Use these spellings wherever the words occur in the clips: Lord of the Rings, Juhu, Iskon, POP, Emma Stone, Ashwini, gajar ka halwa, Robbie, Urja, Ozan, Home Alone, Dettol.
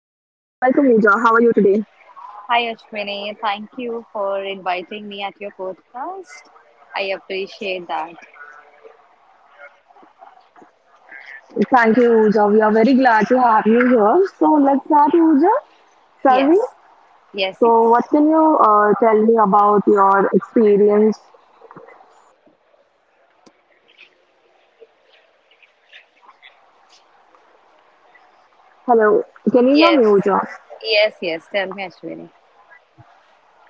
Uja. How are you today? Hi Ashwini, thank you for inviting me at your podcast. I appreciate that. Thank you, Uja. We are very glad to have you here. So, let's start, Uja, shall we? Yes, yes, yes, So, what can you tell me about your experience? Hello, can you hear me, yes, Uja? yes, yes. Tell me, Ashwini.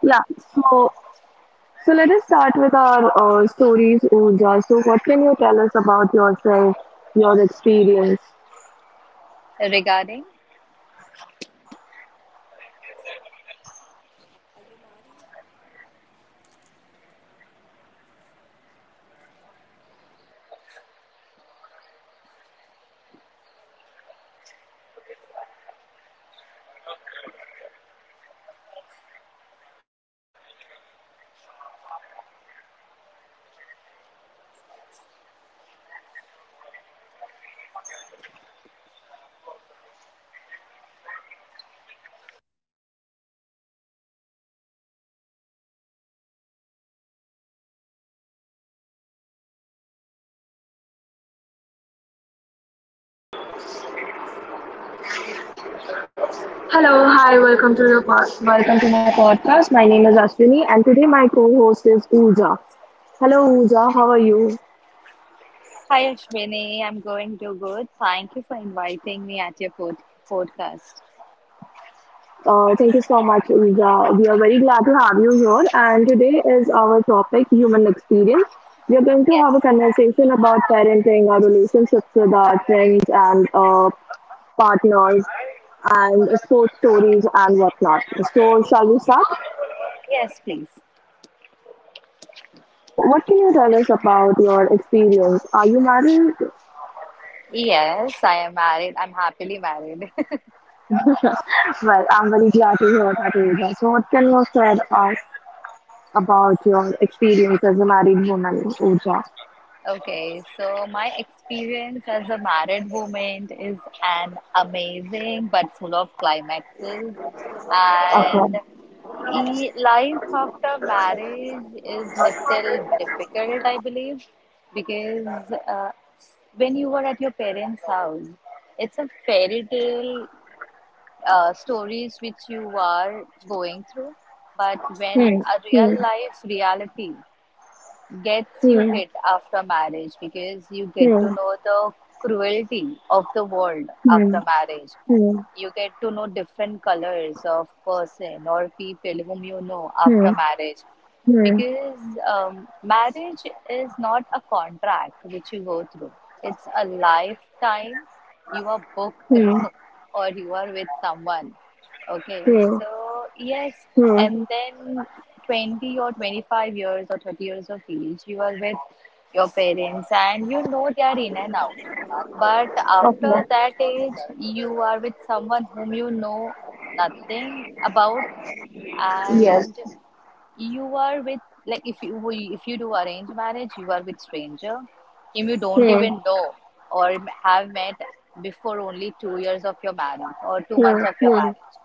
Yeah, so let us start with our stories, Uja. So, what can you tell us about yourself, your experience? Regarding, Hello, hi, welcome to your welcome to my podcast. My name is Ashwini, and today my co-host is Uja. Hello, Uja, how are you? hi Ashwini, I'm going to good. Thank you for inviting me at your podcast. Thank you so much, Uja. We are very glad to have you here. And today is our topic, human experience. We are going to have Yes, a conversation about parenting, our relationships with our friends and partners, and sports stories and whatnot. So, shall we start? yes, please. So, what can you tell us about your experience? Are you married? Yes, I am married. I'm happily married. Well, I'm very glad to hear that, Uja. So, what can you share us about your experience as a married woman, Uja? Okay, so my experience as a married woman is an amazing but full of climaxes, Okay. and life after marriage is little difficult, I believe, because when you were at your parents' house, it's a fairy Hmm. tale stories which you are going through, but when Hmm. a real life reality gets you Hmm. hit after marriage because you get Hmm. to Hmm. know the cruelty of the world Hmm. after marriage. Hmm. You get to know different colors of person or people whom you know after Hmm. marriage because marriage is not a contract which you go through. It's a lifetime you are booked Hmm. or you are with someone. Okay, Hmm. Hmm. so yes, Hmm. and then 20 or 25 years or 30 years of age, you are with your parents and you know they are in and out. But after Okay. that age, you are with someone whom you know nothing about, Yes. and you are with, like, if you do arrange marriage, you are with stranger whom you don't Hmm. even know or have met before only 2 years of your marriage or 2 months Hmm. of your Hmm. marriage.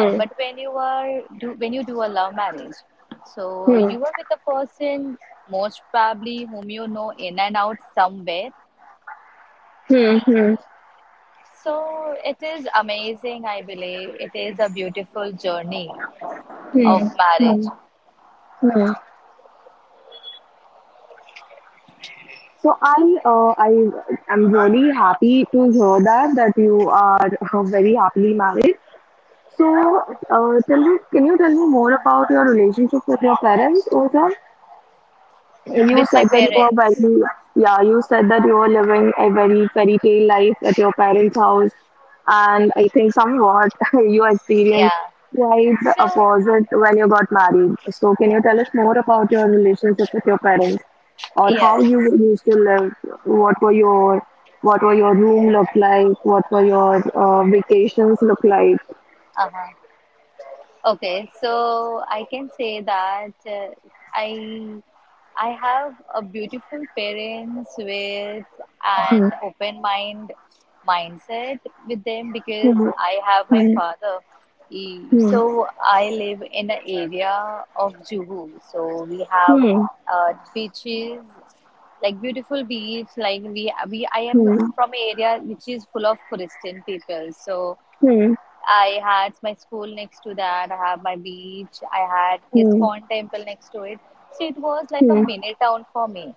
And but when you are do when you do a love marriage, so Hmm. Hmm. you are with a person most probably whom you know in and out somewhere, Hmm. so it is amazing, I believe. It is a beautiful journey of Hmm. Hmm. marriage. Hmm. So I am really happy to hear that that you are very happily married. So, tell me, can you tell me more about your relationship with your parents, Ozan? With You my said that you were parents. Yeah, you said that you were living a very fairy tale life at your parents' house, and I think somewhat you Yeah. experienced quite the So, opposite when you got married. So, can you tell us more about your relationship with your parents, or yes. how you used to live? What were your what were your room look like? What were your vacations look like? Uh-huh. Okay, so I can say that I I have a beautiful parents with Hmm. an open mindset with them because I have my Hmm. father. Hmm. So I live in an area of Juhu. So we have Hmm. Beaches, like beautiful beach. Like we I am Hmm. from an area which is full of Christian people. So Hmm. I had my school next to that. I have my beach. I had Hmm. Iskon temple next to it. So it was like a Hmm. mini town for me.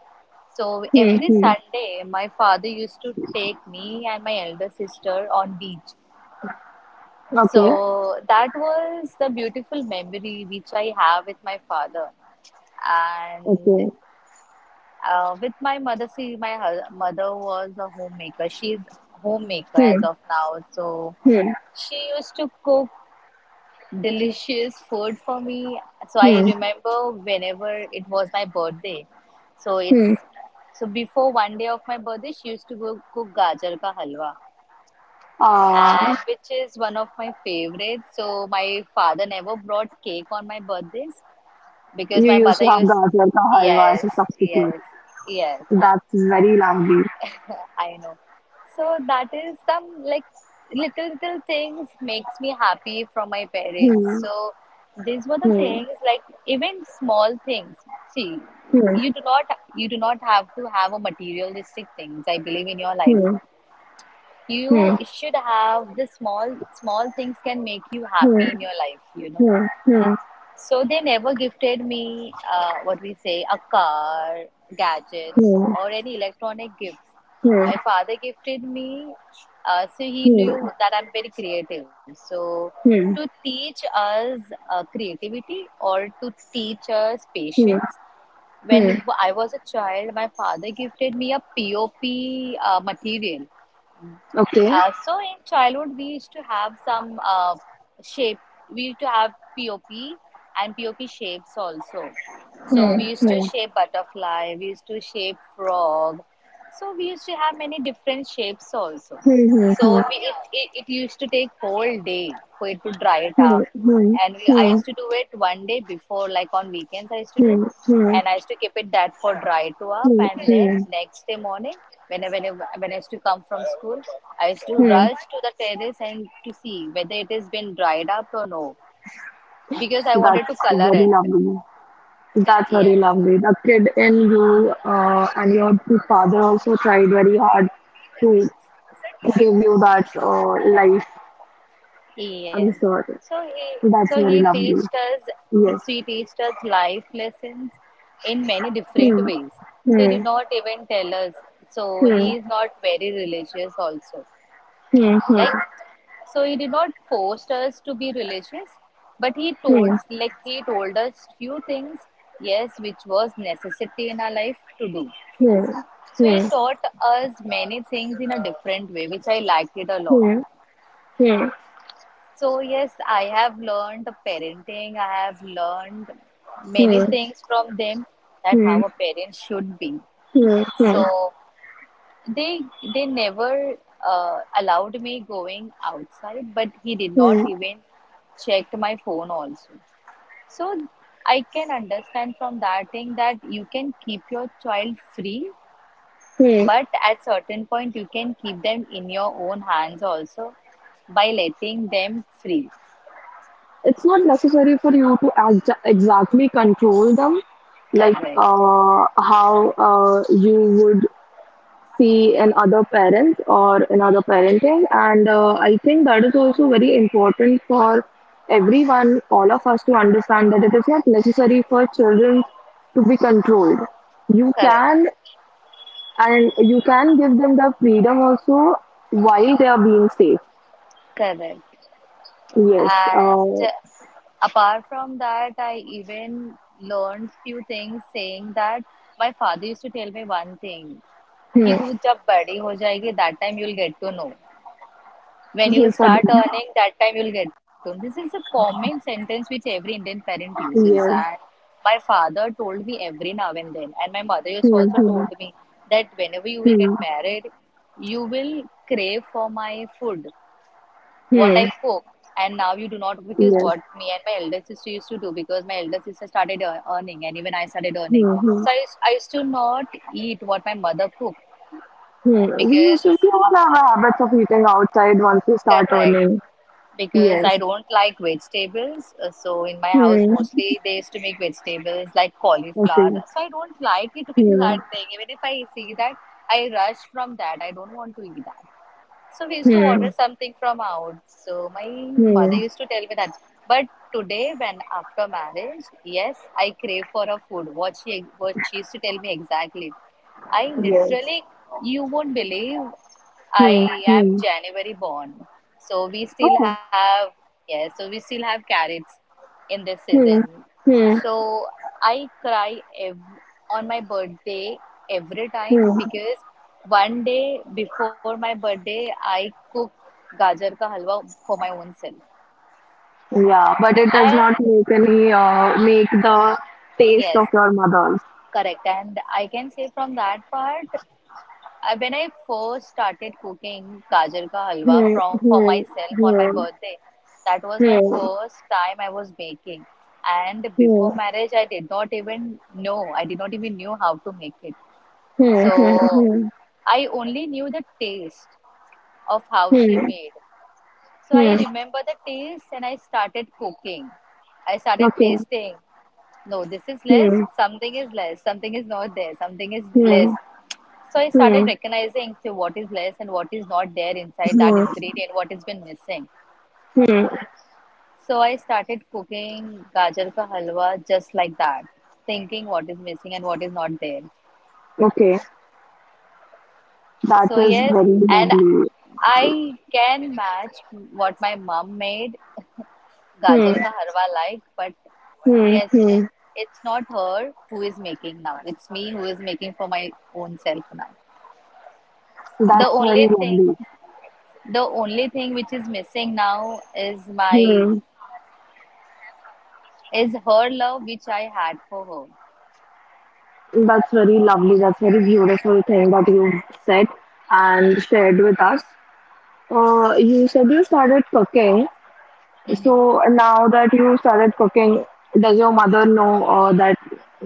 So Hmm. every Hmm. Hmm. Sunday, my father used to take me and my elder sister on beach. Okay, So that was the beautiful memory which I have with my father. And okay. With my mother, see, my mother was a homemaker. She's homemaker as Hmm. of now. So Hmm. she used to cook delicious food for me. So I Hmm. remember whenever it was my birthday. So it's Hmm. so before one day of my birthday, she used to go cook gajar ka halwa, Uh, and which is one of my favorites. So my father never brought cake on my birthdays because you my used mother to have used. gajar ka halwa as Yes, a substitute. yes, yes. That's very lovely. I know. So that is some like little little things makes me happy from my parents. Hmm. So these were the Hmm. things, like, even small things. See, Hmm. you do not have to have a materialistic things, I believe, in your life. Hmm. You Hmm. should have the small small things can make you Hmm. happy in your life. Hmm. Hmm. So they never gifted me what we say a car, gadgets, Hmm. or any electronic gifts. Hmm. My father gifted me, so he Hmm. knew that I'm very creative. So to Hmm. teach us creativity or to teach us Hmm. patience. When I was a child, my father gifted me a P O P POP material. Okay, Uh, so in childhood, we used to have some shape. We used to have POP and POP shapes also. So we used to shape butterfly. We used to shape frog. So we used to have many different shapes also. Hmm. So we, it used to take whole day for it to dry it Hmm. up, and I Hmm. used to do it one day before, like on weekends. I used to do, Hmm. and I used to keep it that for dry to up, Hmm. and then Hmm. next day morning, when I used to come from school, I used to rush to the terrace and to see whether it has been dried up or no, because I That's wanted to color very it. lovely. That's very Yes. lovely. The kid in you and your father also tried very hard to give you that life, Yes. I'm So sure. he so he That's very teached lovely. us he, so Yes. he teached us life lessons in many different Hmm. ways. So he did Hmm. not even tell us. So Hmm. he is not very religious also. Hmm. Like, so he did not force us to be religious, but he Hmm. told, like he told us few things, yes, which was necessity in our life to do. Hmm. So he Hmm. taught us many things in a different way, which I liked it a Hmm. Hmm. lot. Hmm. Hmm. Hmm. So, yes, I have learned parenting. I have learned many things from them, that Hmm. how a parent should be. Hmm. So they they never allowed me going outside, but he did Hmm. not even checked my phone also. So I can understand from that thing that you can keep your child free, Hmm. but at certain point you can keep them in your own hands also by letting them free. It's not necessary for you to exactly control them, like Correct. How you would see in other parents or in other parenting. And I think that is also very important for everyone, all of us to understand that it is not necessary for children to be controlled. You Correct. can and you can give them the freedom also while they are being safe. Correct. Yes. And apart from that, I even learned few things, saying that my father used to tell me one thing, कि Hmm. तू जब बड़ी हो जाएगी, that time you'll get to know. When you Yes. What? start earning, that time you'll get to know. This is a common sentence which every Indian parent uses. And Yes. my father told me every now and then, and my mother used to Hmm. also Hmm. told me that whenever you will Hmm. get married, you will crave for my food, what Hmm. I cook. And now you do not, because Yes. what me and my elder sister used to do, because my elder sister started earning and even I started earning. Hmm. Hmm. So I used to not eat what my mother cooked Hmm. We used because, to be all have our habits of eating outside once we start correct, earning. because Yes. I don't like vegetables. So in my house, Hmm. mostly they used to make vegetables like cauliflower. Okay. So I don't like eating Hmm. that thing. Even if I see that, I rush from that. I don't want to eat that. So we used to Hmm. order something from out. So my mother Hmm. used to tell me that. But today, when after marriage, yes, I crave for a food. What she used to tell me exactly. I Yes. literally, you won't believe, Hmm. I am Hmm. January born. So we still Oh, have. Yes. So we still have carrots in this Hmm. season. Hmm. So I cry ev on my birthday every time Hmm. because one day before my birthday, I cook gajar ka halwa for my own self. Yeah, but it does not And make any make the taste yes, of your mother's. correct. And I can say from that part, when I first started cooking gajar ka halwa Hmm. from for Hmm. myself on my Hmm. birthday, that was my Hmm. first time I was making. And Hmm. before marriage, I did not even know. I did not even knew how to make it. Hmm. Hmm. So Hmm. I only knew the taste of how she Hmm. made. So I Hmm. remember the taste and I started cooking. I started Okay, tasting. No, this is less, Hmm. something is less, something is not there, something is Hmm. less. So I started Hmm. recognizing so what is less and what is not there inside that Hmm. ingredient, what has been missing. Hmm. So I started cooking gajar ka halwa just like that, thinking what is missing and what is not there. Okay, that So is yes, very and lovely. I can match what my mom made, Hmm. gajar ka harwa, like, but Hmm. yes, Hmm. it's not her who is making now. It's me who is making for my own self now. The That's very only thing, lovely. the only thing which is missing now is my is her love which I had for her. That's very lovely. That's very beautiful thing that you said and shared with us. You said you started cooking. Hmm. So now that you started cooking, does your mother know that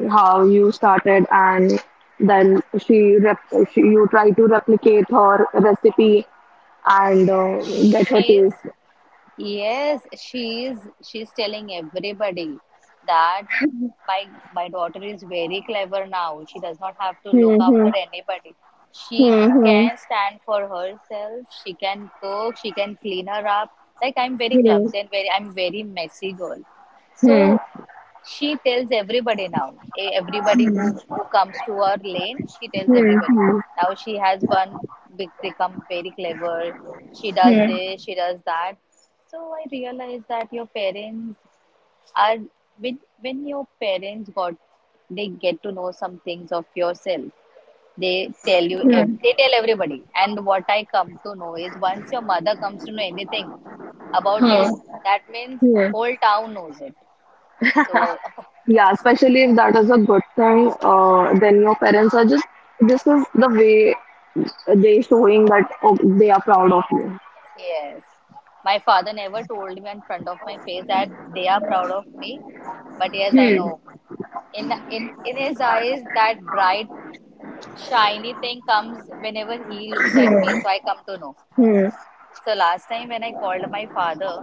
how you started and then she, rep- she you try to replicate her recipe and get her She's taste? Yes, she is. She's telling everybody that my daughter is very clever now. She does not have to look after Hmm. anybody. She Hmm. Hmm. can stand for herself. She can cook. She can clean her up. Like, I'm very Hmm. clumsy and very I'm very messy girl. So Hmm. she tells everybody now. Everybody who comes to her lane, she tells Hmm. everybody. Hmm. Now she has one become very clever. She does Hmm. this, she does that. So I realized that your parents are, when your parents got they get to know some things of yourself. They tell you Hmm. They tell everybody. And what I come to know is, once your mother comes to know anything about Hmm. you, that means Hmm. whole town knows it. So Yeah, especially if that is a good thing, then your parents are just, this is the way they showing that oh, they are proud of you. yes. My father never told me in front of my face that they are proud of me. But yes, I Hmm. know. In his eyes, that bright, shiny thing comes whenever he looks at me, Hmm. so I come to know. Hmm. So last time when I called my father,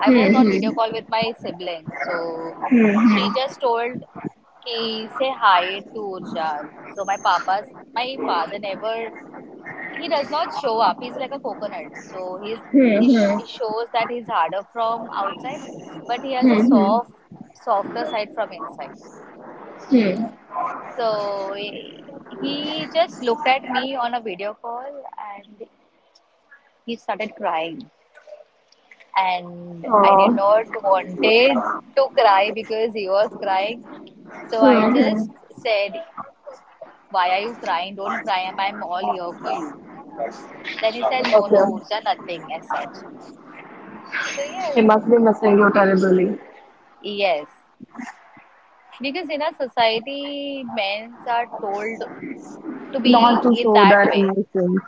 I was on video call with my sibling. So Hmm. Hmm. she just told, ki say hi to Urja. So my father never, he does not show up. He's like a coconut, so he's he, sh- Hmm. he shows that he's harder from outside, but he has a Hmm. soft, Hmm. softer side from inside. Hmm. So he just looked at me on a video call and he started crying, and I did not Oh, wanted to cry because he was crying. So I Hmm. just Hmm. said, "Why are you crying? Don't cry. I'm all here for you." Then he said, "No, no, Okay. Urja, nothing as such." So yes. They must be missing you terribly. Yes, because in our society, men are told to be Not to in show that their way. emotions.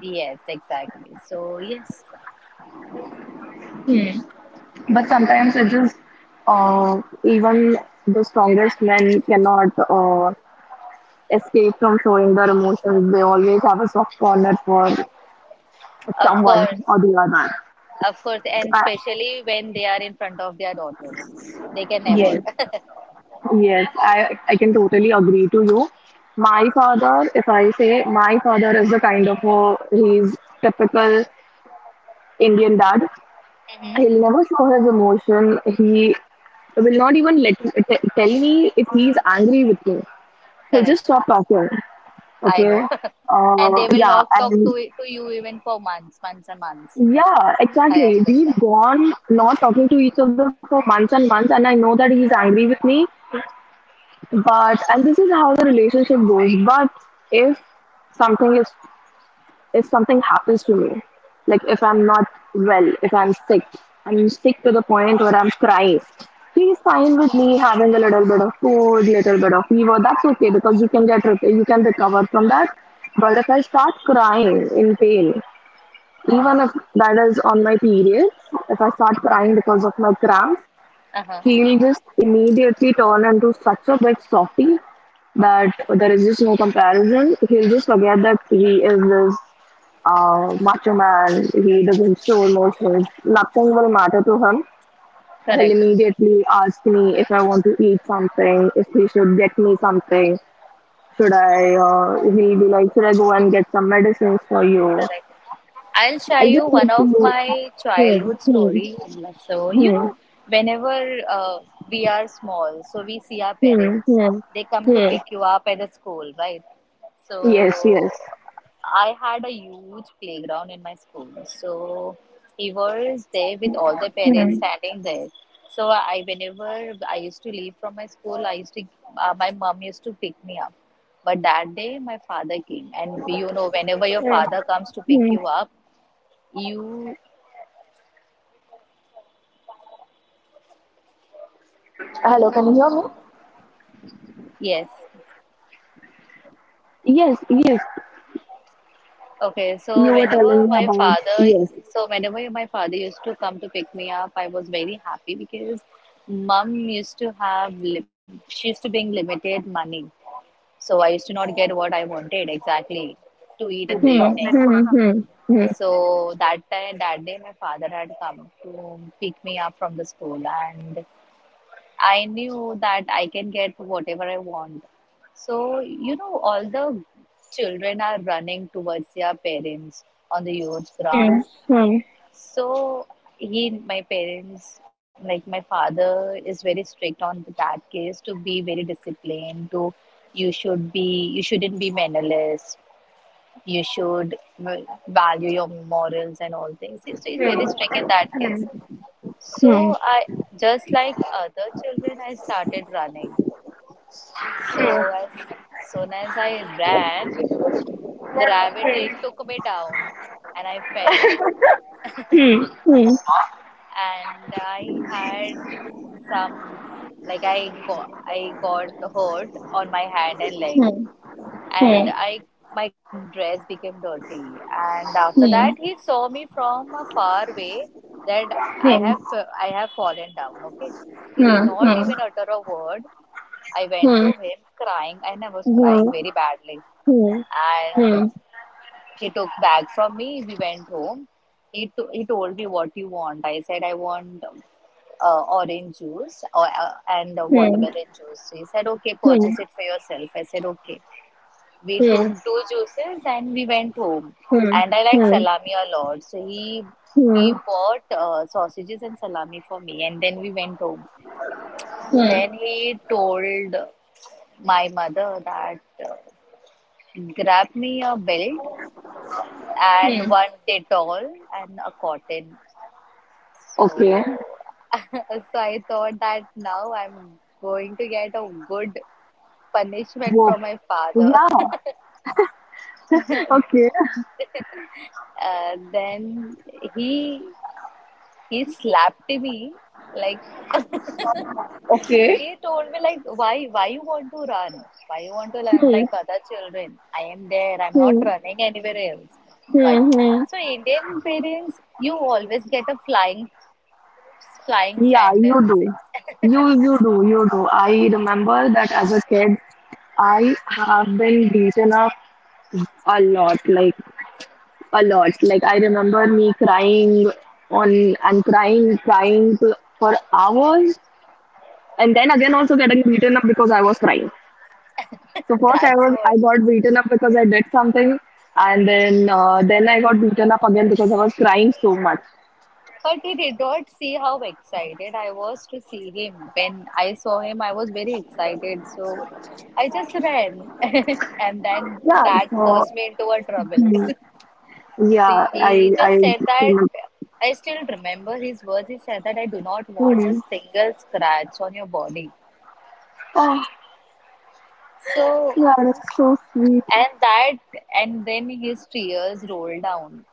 Yes, exactly. So, yes, But sometimes it is, even the strongest men cannot escape from showing their emotions. They always have a soft corner for of someone course, or the other. of course, and I, especially when they are in front of their daughters, they can never. yes, yes, I can totally agree to you. My father, if I say my father is the kind of a he's typical Indian dad. Hmm. He'll never show his emotion. He will not even let tell me if he's angry with me. He'll Correct. just stop talking. I Okay. know. And they will Yeah, not talk and to you even for months, months and months. yeah, I exactly. We've understand. gone not talking to each other for months and months, and I know that he's angry with me. But and this is how the relationship goes. But if something is if something happens to me, like if I'm not well, if I'm sick, I'm sick to the point where I'm crying, he's fine with me having a little bit of cold, little bit of fever. That's okay because you can get you can recover from that. But if I start crying in pain, Uh-huh. even if that is on my periods, if I start crying because of my cramps, Uh-huh. he'll just immediately turn into such a big softy that there is just no comparison. He'll just forget that he is this macho man. He doesn't show emotions. Nothing will matter to him. He'll Correct. immediately ask me if I want to eat something, if he should get me something. Should I? He'll be like, should I go and get some medicines for you? Correct. I'll I share just you need one of my childhood to. story. So, you Hmm. know, whenever we are small, so we see our Hmm. parents. Hmm. They come to Hmm. pick you up at the school, right? So, Yes, yes. I had a huge playground in my school. So, he was there with Hmm. all the Hmm. parents standing there. So, I whenever I used to leave from my school, I used to my mom used to pick me up. But that day, my father came, and you know, whenever your Hmm. father comes to pick Hmm. you up, you, Hello, can you hear me? yes. Yes, yes. Okay, so You were telling me about yes. Whenever my father used to come to pick me up, I was very happy because mum used to she used to bring limited money. So I used to not get what I wanted exactly to eat in the Hmm. evening. Hmm. Hmm. Hmm. So that time, that day, my father had come to pick me up from the school, and I knew that I can get whatever I want. So, you know, all the children are running towards their parents on the youth ground. Hmm. Hmm. Hmm. So, he, my parents, like my father is very strict on that case to be very disciplined, to you should be, you shouldn't be mannerless, you should value your morals and all things. So, he's Hmm. very strict in Hmm. that case. Hmm. Hmm. Hmm. Hmm. Hmm. Hmm. Hmm. Hmm. Hmm. Hmm. Hmm. Hmm. Hmm. Hmm. So, Hmm. I, just like other children, I started running. So as soon as I ran, gravity took me down and I fell. And I had some, like I got hurt on my hand and leg, and I my dress became dirty. And after that, he saw me from a far away that I have fallen down. Okay, he did not even utter a word. I went to him crying, and I was crying very badly. And he took bag from me. We went home. He told me what you want. I said I want orange juice or and watermelon juice. He said okay, purchase it for yourself. I said okay. We took two juices and we went home. And I like salami a lot, so he Hmm. he bought sausages and salami for me, and then we went home. Hmm. Then he told my mother that grab me a belt Hmm. and Hmm. one Dettol and a cotton. Okay. So so I thought that now I'm going to get a good punishment Wow. from my father. Yeah. Okay. Then he He slapped me. Like Okay. he told me, like, why you want to run? Why you want to run Hmm. like other children? I am there. I'm not Hmm. running anywhere else. Why? Hmm. Hmm. So Indian parents, you always get a flying, flying Yeah, you sandals. do. You do, you do. I remember that as a kid, I have been beaten up a lot, like a lot. Like I remember me crying on and crying, crying to, for hours, and then again also getting beaten up because I was crying. So first I That's was I what. got beaten up because I did something, and then I got beaten up again because I was crying so much. But he did not see how excited I was to see him. When I saw him, I was very excited. So I just ran. And then Yeah, that caused so me into a trouble. hmm, So yeah, he I just I said that, can I still remember his words. He said that I do not want a understand. single scratch on your body. Oh, So yeah, that's so sweet. and that, and then his tears rolled down.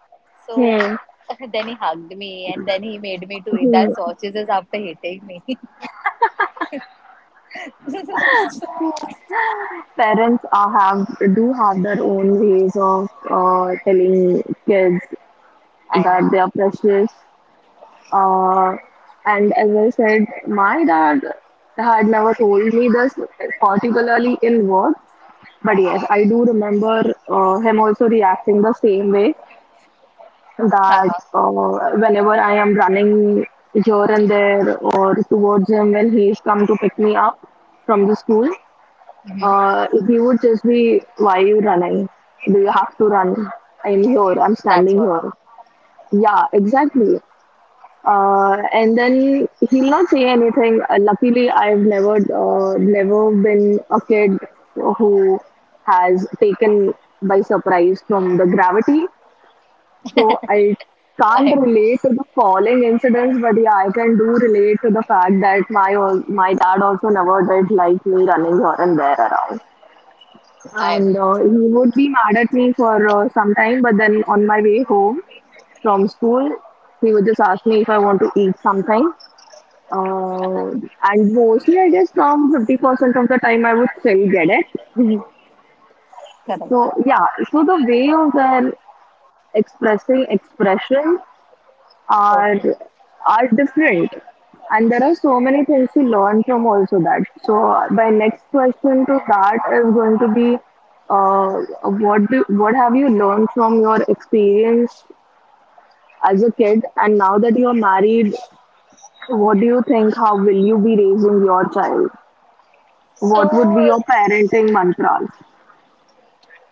So Hmm. then he hugged me and then he made me to eat that Hmm. sausages after hitting me. Parents are have do have their own ways of telling kids I know. that they are precious. Uh, and as I said, my dad had never told me this particularly in words, but yes, I do remember him also reacting the same way that Uh-huh. Whenever I am running here and there or towards him when he's come to pick me up from the school, Hmm. He would just be, why are you running? Do you have to run? I'm here, I'm That's what. standing here. Yeah, exactly. And then he'll not say anything. Luckily, I've never been a kid who has taken by surprise from the gravity so I I can't know. relate to the falling incidents, but yeah, I can do relate to the fact that my dad also never did like me running here and there around, I know. and he would be mad at me for some time. But then on my way home from school, he would just ask me if I want to eat something. Uh, and mostly, I guess from 50% of the time, I would still get it. Correct. So, yeah, so the way of their expressing expression Okay. are are different and there are so many things to learn from also that so my next question to that is going to be uh, what have you learned from your experience as a kid and now that you are married, what do you think, how will you be raising your child, what would So, be your parenting mantras?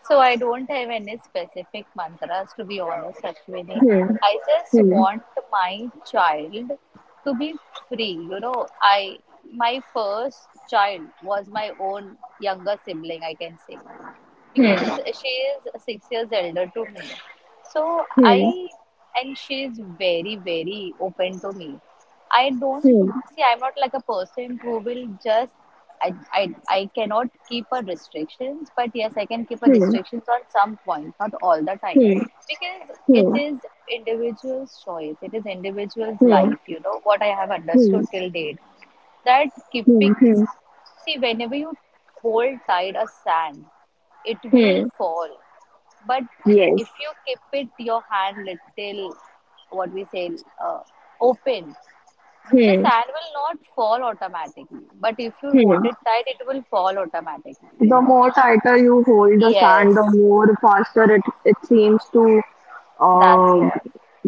so I don't have any specific mantras, to be honest, Ashwini. Hmm, I just hmm, want my child to be free. You know, I, my first child was my own younger sibling, I can say, hmm, because she is 6 years elder to me. So hmm, I, and she is very, very open to me. I don't hmm, see I'm not like a person who will just, I cannot keep her restrictions, but yes, I can keep her hmm, restrictions on some point, not all the time. hmm, Because hmm, it hmm, is individual's choice, it is individual's hmm, life, you know, what I have understood till date, that hmm, keeping, hmm, see, whenever you hold tight a sand, it will hmm, fall. But if you keep it your hand little, what we say, uh, open, the yes. sand will not fall automatically. But if you hold Hmm. it tight, it will fall automatically. You The know. more tighter you hold the sand, the Yes, more faster it seems to that's uh, what.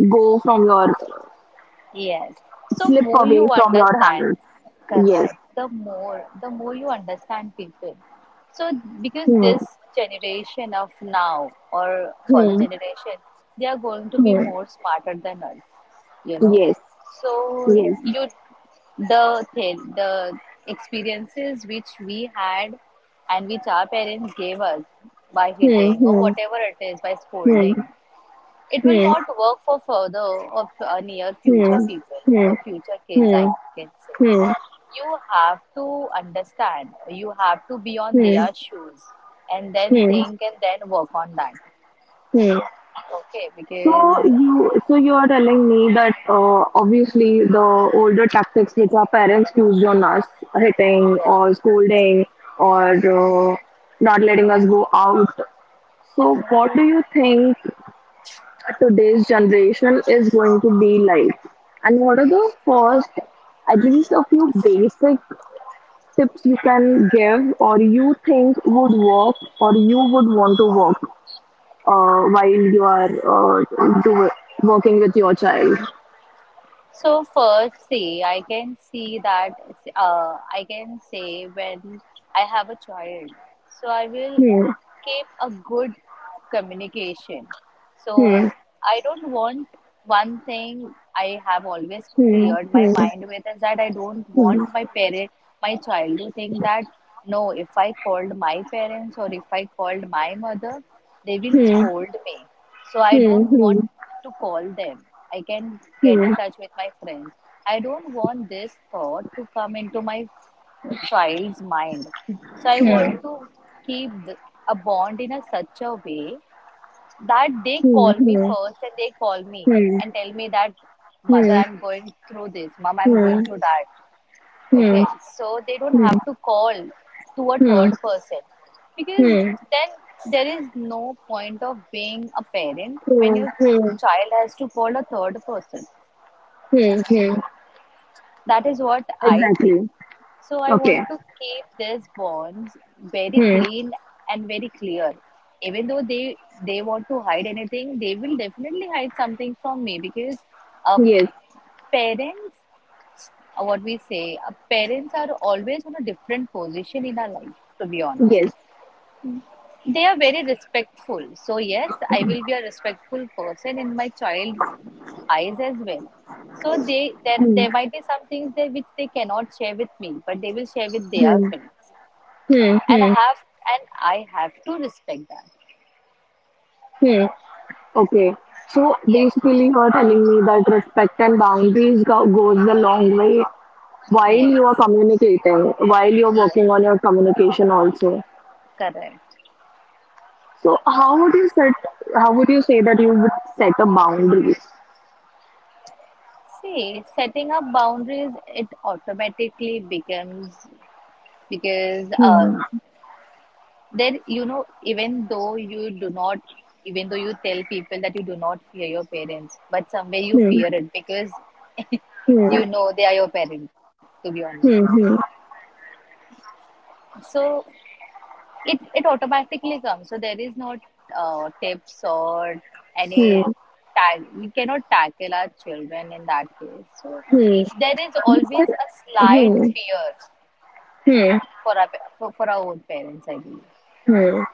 go from your Yes. So slip more you away from your understand, hands. Yes. correct. The more you understand people. So because Hmm. this generation of now or further Hmm. generation, they are going to be Hmm. more smarter than us, you know. Yes. So Yes. you, the experiences which we had and which our parents gave us by Hmm. hitting or Hmm. whatever it is, by Hmm. scolding, it will Hmm. not work for further of near Hmm. future people Hmm. or future kids, I Hmm. can say. Hmm. You have to understand, you have to be on Hmm. their shoes and then Hmm. think and then work on that. Hmm. Okay, So because you are telling me that obviously the older tactics which our parents used on us, hitting yes. or scolding or uh, not letting us go out. So what do you think today's generation is going to be like? And what are the first, at least a few basic tips you can give or you think would work or you would want to work uh, while you are do, working with your child? So first, see, I can see that I can say, when I have a child, so I will Hmm. keep a good communication. So Hmm. I don't want, one thing I have always Hmm. cleared my Hmm. mind with is that I don't Hmm. want my parent, my child to think that, no, if I called my parents or if I called my mother, they will Hmm. scold me. So I don't Hmm. want to call them. I can get in touch with my friends. I don't want this thought to come into my child's mind. So I want to keep a bond in a such a way that they call me first and they call me and tell me that, mother, I'm going through this, mom, I'm going through that. Okay, so they don't have to call to a third person, because then there is no point of being a parent when your Hmm. child has to call a third person. Hmm. Hmm. That is what I think. Exactly. So I Okay. want to keep these bonds very Hmm. clean and very clear. Even though they want to hide anything, they will definitely hide something from me, because uh, Yes. parents, what we say, parents are always on a different position in our life. To be honest, Yes. they are very respectful. So yes, I will be a respectful person in my child's eyes as well. So they, there Hmm. there might be some things there which they cannot share with me, but they will share with their Hmm. friends, Hmm. and I Hmm. have and I have to respect that. Hmm. Okay. So Yes. basically, you are telling me that respect and boundaries goes a long way while you are Yes. communicating, while you are Yes, working on your communication also. correct. So how would you set? How would you say that you would set a boundary? See, setting up boundaries, it automatically becomes, because there, you know, even though you do not, even though you tell people that you do not fear your parents, but somewhere you Hmm. fear it because Hmm. you know they are your parent, to be honest. Hmm. So it automatically comes, so there is no tips or Hmm. any Hmm. tag we cannot tackle our children in that case, so Hmm. You there is said always a slight hmm, fear hmm, for our own parents, I believe. hmm.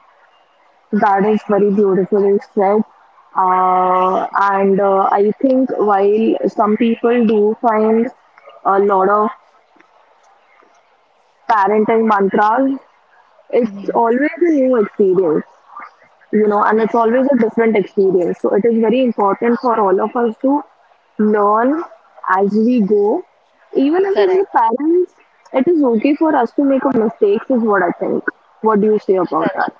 That is very beautifully said. And I think while some people do find a lot of parenting mantras, it's Hmm. always a new experience. And it's always a different experience. So it is very important for all of us to learn as we go, even if it's the Correct. parents, it is okay for us to make a mistakes, is what I think. What do you say about Correct. that?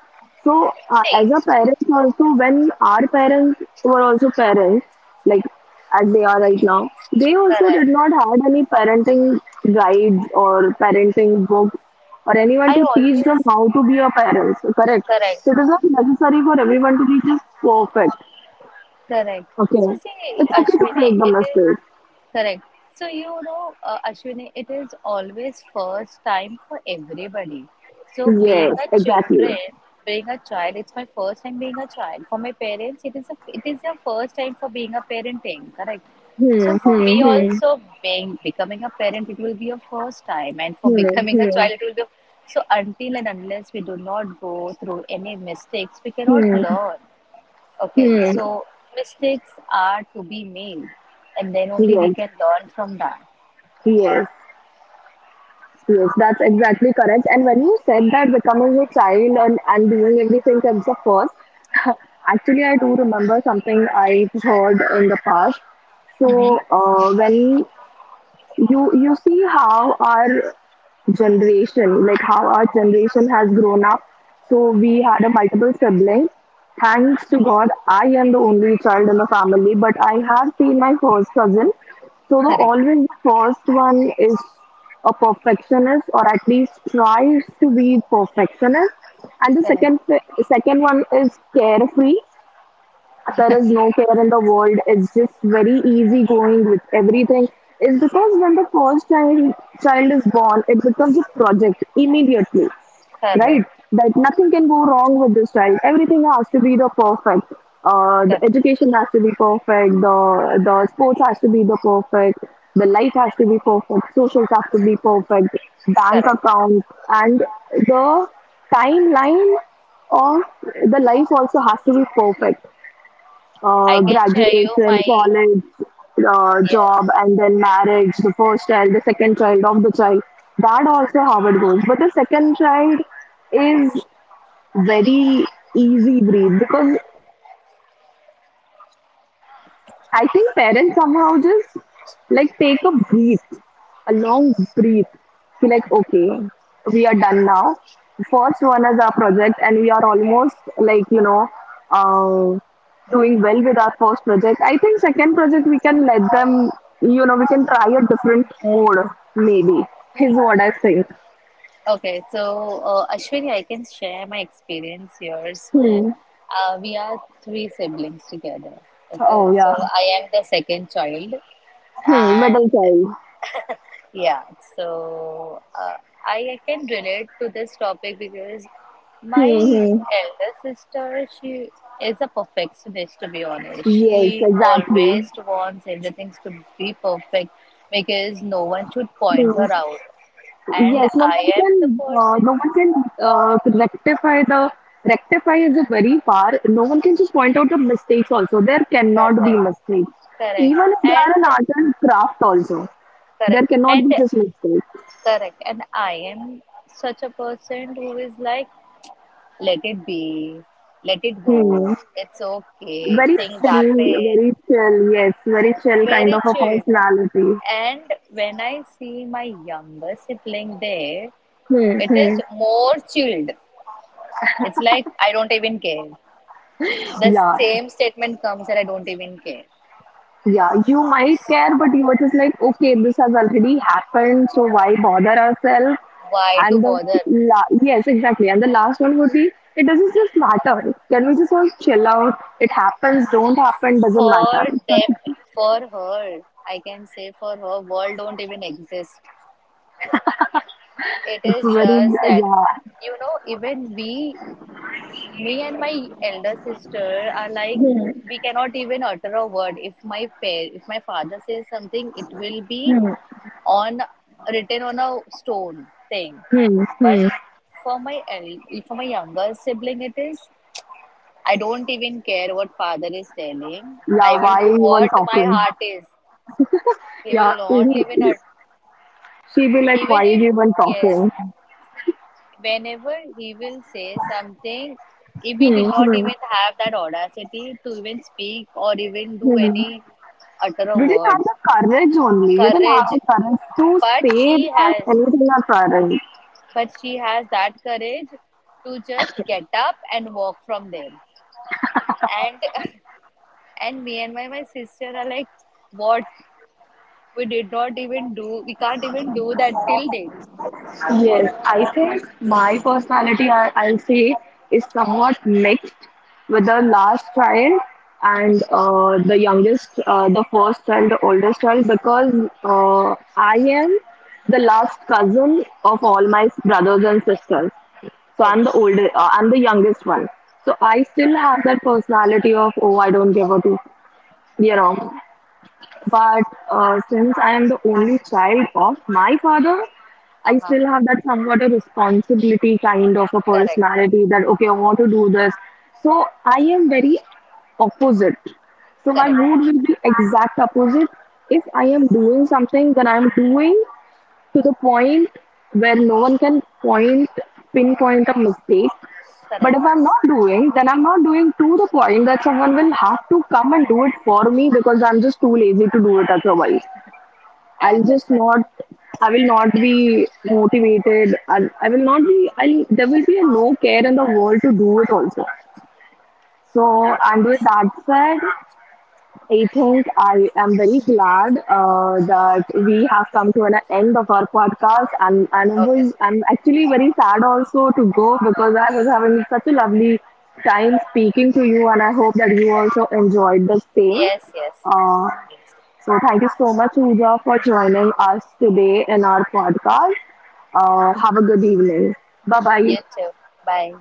So, as a See, parents also, when our parents were also parents, like as they are right now, they also did correct. not had any parenting guides or parenting books or anyone I to teach them always how to be a parent. Correct. So correct. it is not necessary for everyone to be just perfect. Correct. Okay. So see, It's okay to Ashwini, make the it is mistakes. correct. So you know, Ashwini, it is always first time for everybody. So Yes, exactly. Being a child, it's my first time being a child. For my parents, it is, a it is their first time for being a parenting. Correct. So Hmm, for me hmm, hmm. also, being becoming a parent, it will be a first time, and for Hmm, becoming a hmm, child, it will be. A, so until and unless we do not go through any mistakes, we cannot hmm, learn. Okay, hmm. so mistakes are to be made, and then only we Yes, can learn from that. yes, yes, that's exactly correct. And when you said that becoming a child and doing everything comes the first, actually, I do remember something I've heard in the past. Mm-hmm. So, when you see how our generation, like how our generation has grown up. So we had a multiple sibling. Thanks to God, I am the only child in the family, but I have seen my first cousin. So the Correct, always the first one is a perfectionist, or at least tries to be perfectionist, and the correct, second one is carefree, there is no care in the world. It's just very easy going with everything. It's because when the first child is born, it becomes a project immediately, right? correct, That nothing can go wrong with this child. Everything has to be the perfect. The correct, education has to be perfect. The sports has to be the perfect. The life has to be perfect. Socials have to be perfect. Bank correct. account and the timeline of the life also has to be perfect, I can share you graduation, my, college, yes. job, and then marriage, the first child, the second child of the child. That also how it goes. But the second child is very easy breed because when the second child is born, I think parents somehow just like take a breath, a long breath. Be like, okay, we are done now. First one is our project, and we are almost like doing well with our first project. I think second project we can let them, you know, we can try a different mode. Maybe is what I think. Okay, so Ashwini, I can share my experience here. Hmm. So we are three siblings together. Oh Okay, so yeah, I am the second child, hmm, and middle child. yeah, so I can relate to this topic because my Hmm. Hmm. elder sister, she is a perfectionist, to be honest. Yes, She exactly. always wants everything to be perfect because no one should point her out. And Yes, no one I am the can, person, no one can rectify the rectify is a very far. No one can just point out the mistakes. Also, there cannot be correct, mistakes. correct, Even if they and are an art and craft, also there correct, cannot and be just mistakes. correct. And I am such a person who is like, let it be. Let it Hmm. go. It's okay. Very Things chill, happen. very chill. Yes, very chill kind Very of a chilled. personality. And when I see my younger sibling there, Hmm, it hmm. is more chilled. It's like I don't even care. The Yeah. same statement comes that I don't even care. Yeah, you might care, but you were just like, okay, this has already happened, so why bother ourselves? Why to And the bother? la- yes, exactly. And the last one would be, it doesn't just matter. Can we just all chill out? It happens, don't happen, doesn't matter. For them, Correct. for her, I can say, for her, world don't even exist. It It's is very, just that, yeah. you know, even we, me and my elder sister are like, Hmm, we cannot even utter a word. If my father says something, it will be hmm, on written on a stone thing. hmm, hmm. But for my younger sibling, it is, I don't even care what father is telling. Yeah, I will why do even what my talking? heart is. He Yeah, will not he, even ut-, she'd be like, even why are if, you even yes, talking? whenever he will say something, if he did Hmm, not hmm, even have that audacity to even speak or even do hmm. any utter We a didn't have word, the courage only. We didn't have courage. the courage to But say she that has, anything are current. but she has that courage to just get up and walk from there. And and me and my sister are like, what we did not even do, we can't even do that till date. Yes, I think my personality, I'll say, is somewhat mixed with the last child and the youngest, the first child, the oldest child, because I am the last cousin of all my brothers and sisters. So I'm the Okay. older, I'm the youngest one. So I still have that personality of, oh, I don't give a two, you know. But since I am the only child of my father, Uh I huh. still have that somewhat a responsibility kind of a Correct. personality that, okay, I want to do this. So I am very opposite. So my Correct. mood will be exact opposite. If I am doing something, then I'm doing to the point where no one can point pinpoint a mistake, but Correct. if I'm not doing, then I'm not doing to the point that someone will have to come and do it for me because I'm just too lazy to do it otherwise. I I'll just understand. not, I will not be motivated, and I will not be, I'll there will be a no care in the world to do it also. So, and with that said, I think I am very glad that we have come to an end of our podcast, and Okay. I'm actually very sad also to go because I was having such a lovely time speaking to you, and I hope that you also enjoyed the same. Yes, yes. Uh, so thank you so much, Uja, for joining us today in our podcast. Have a good evening. Bye You bye. too. Bye.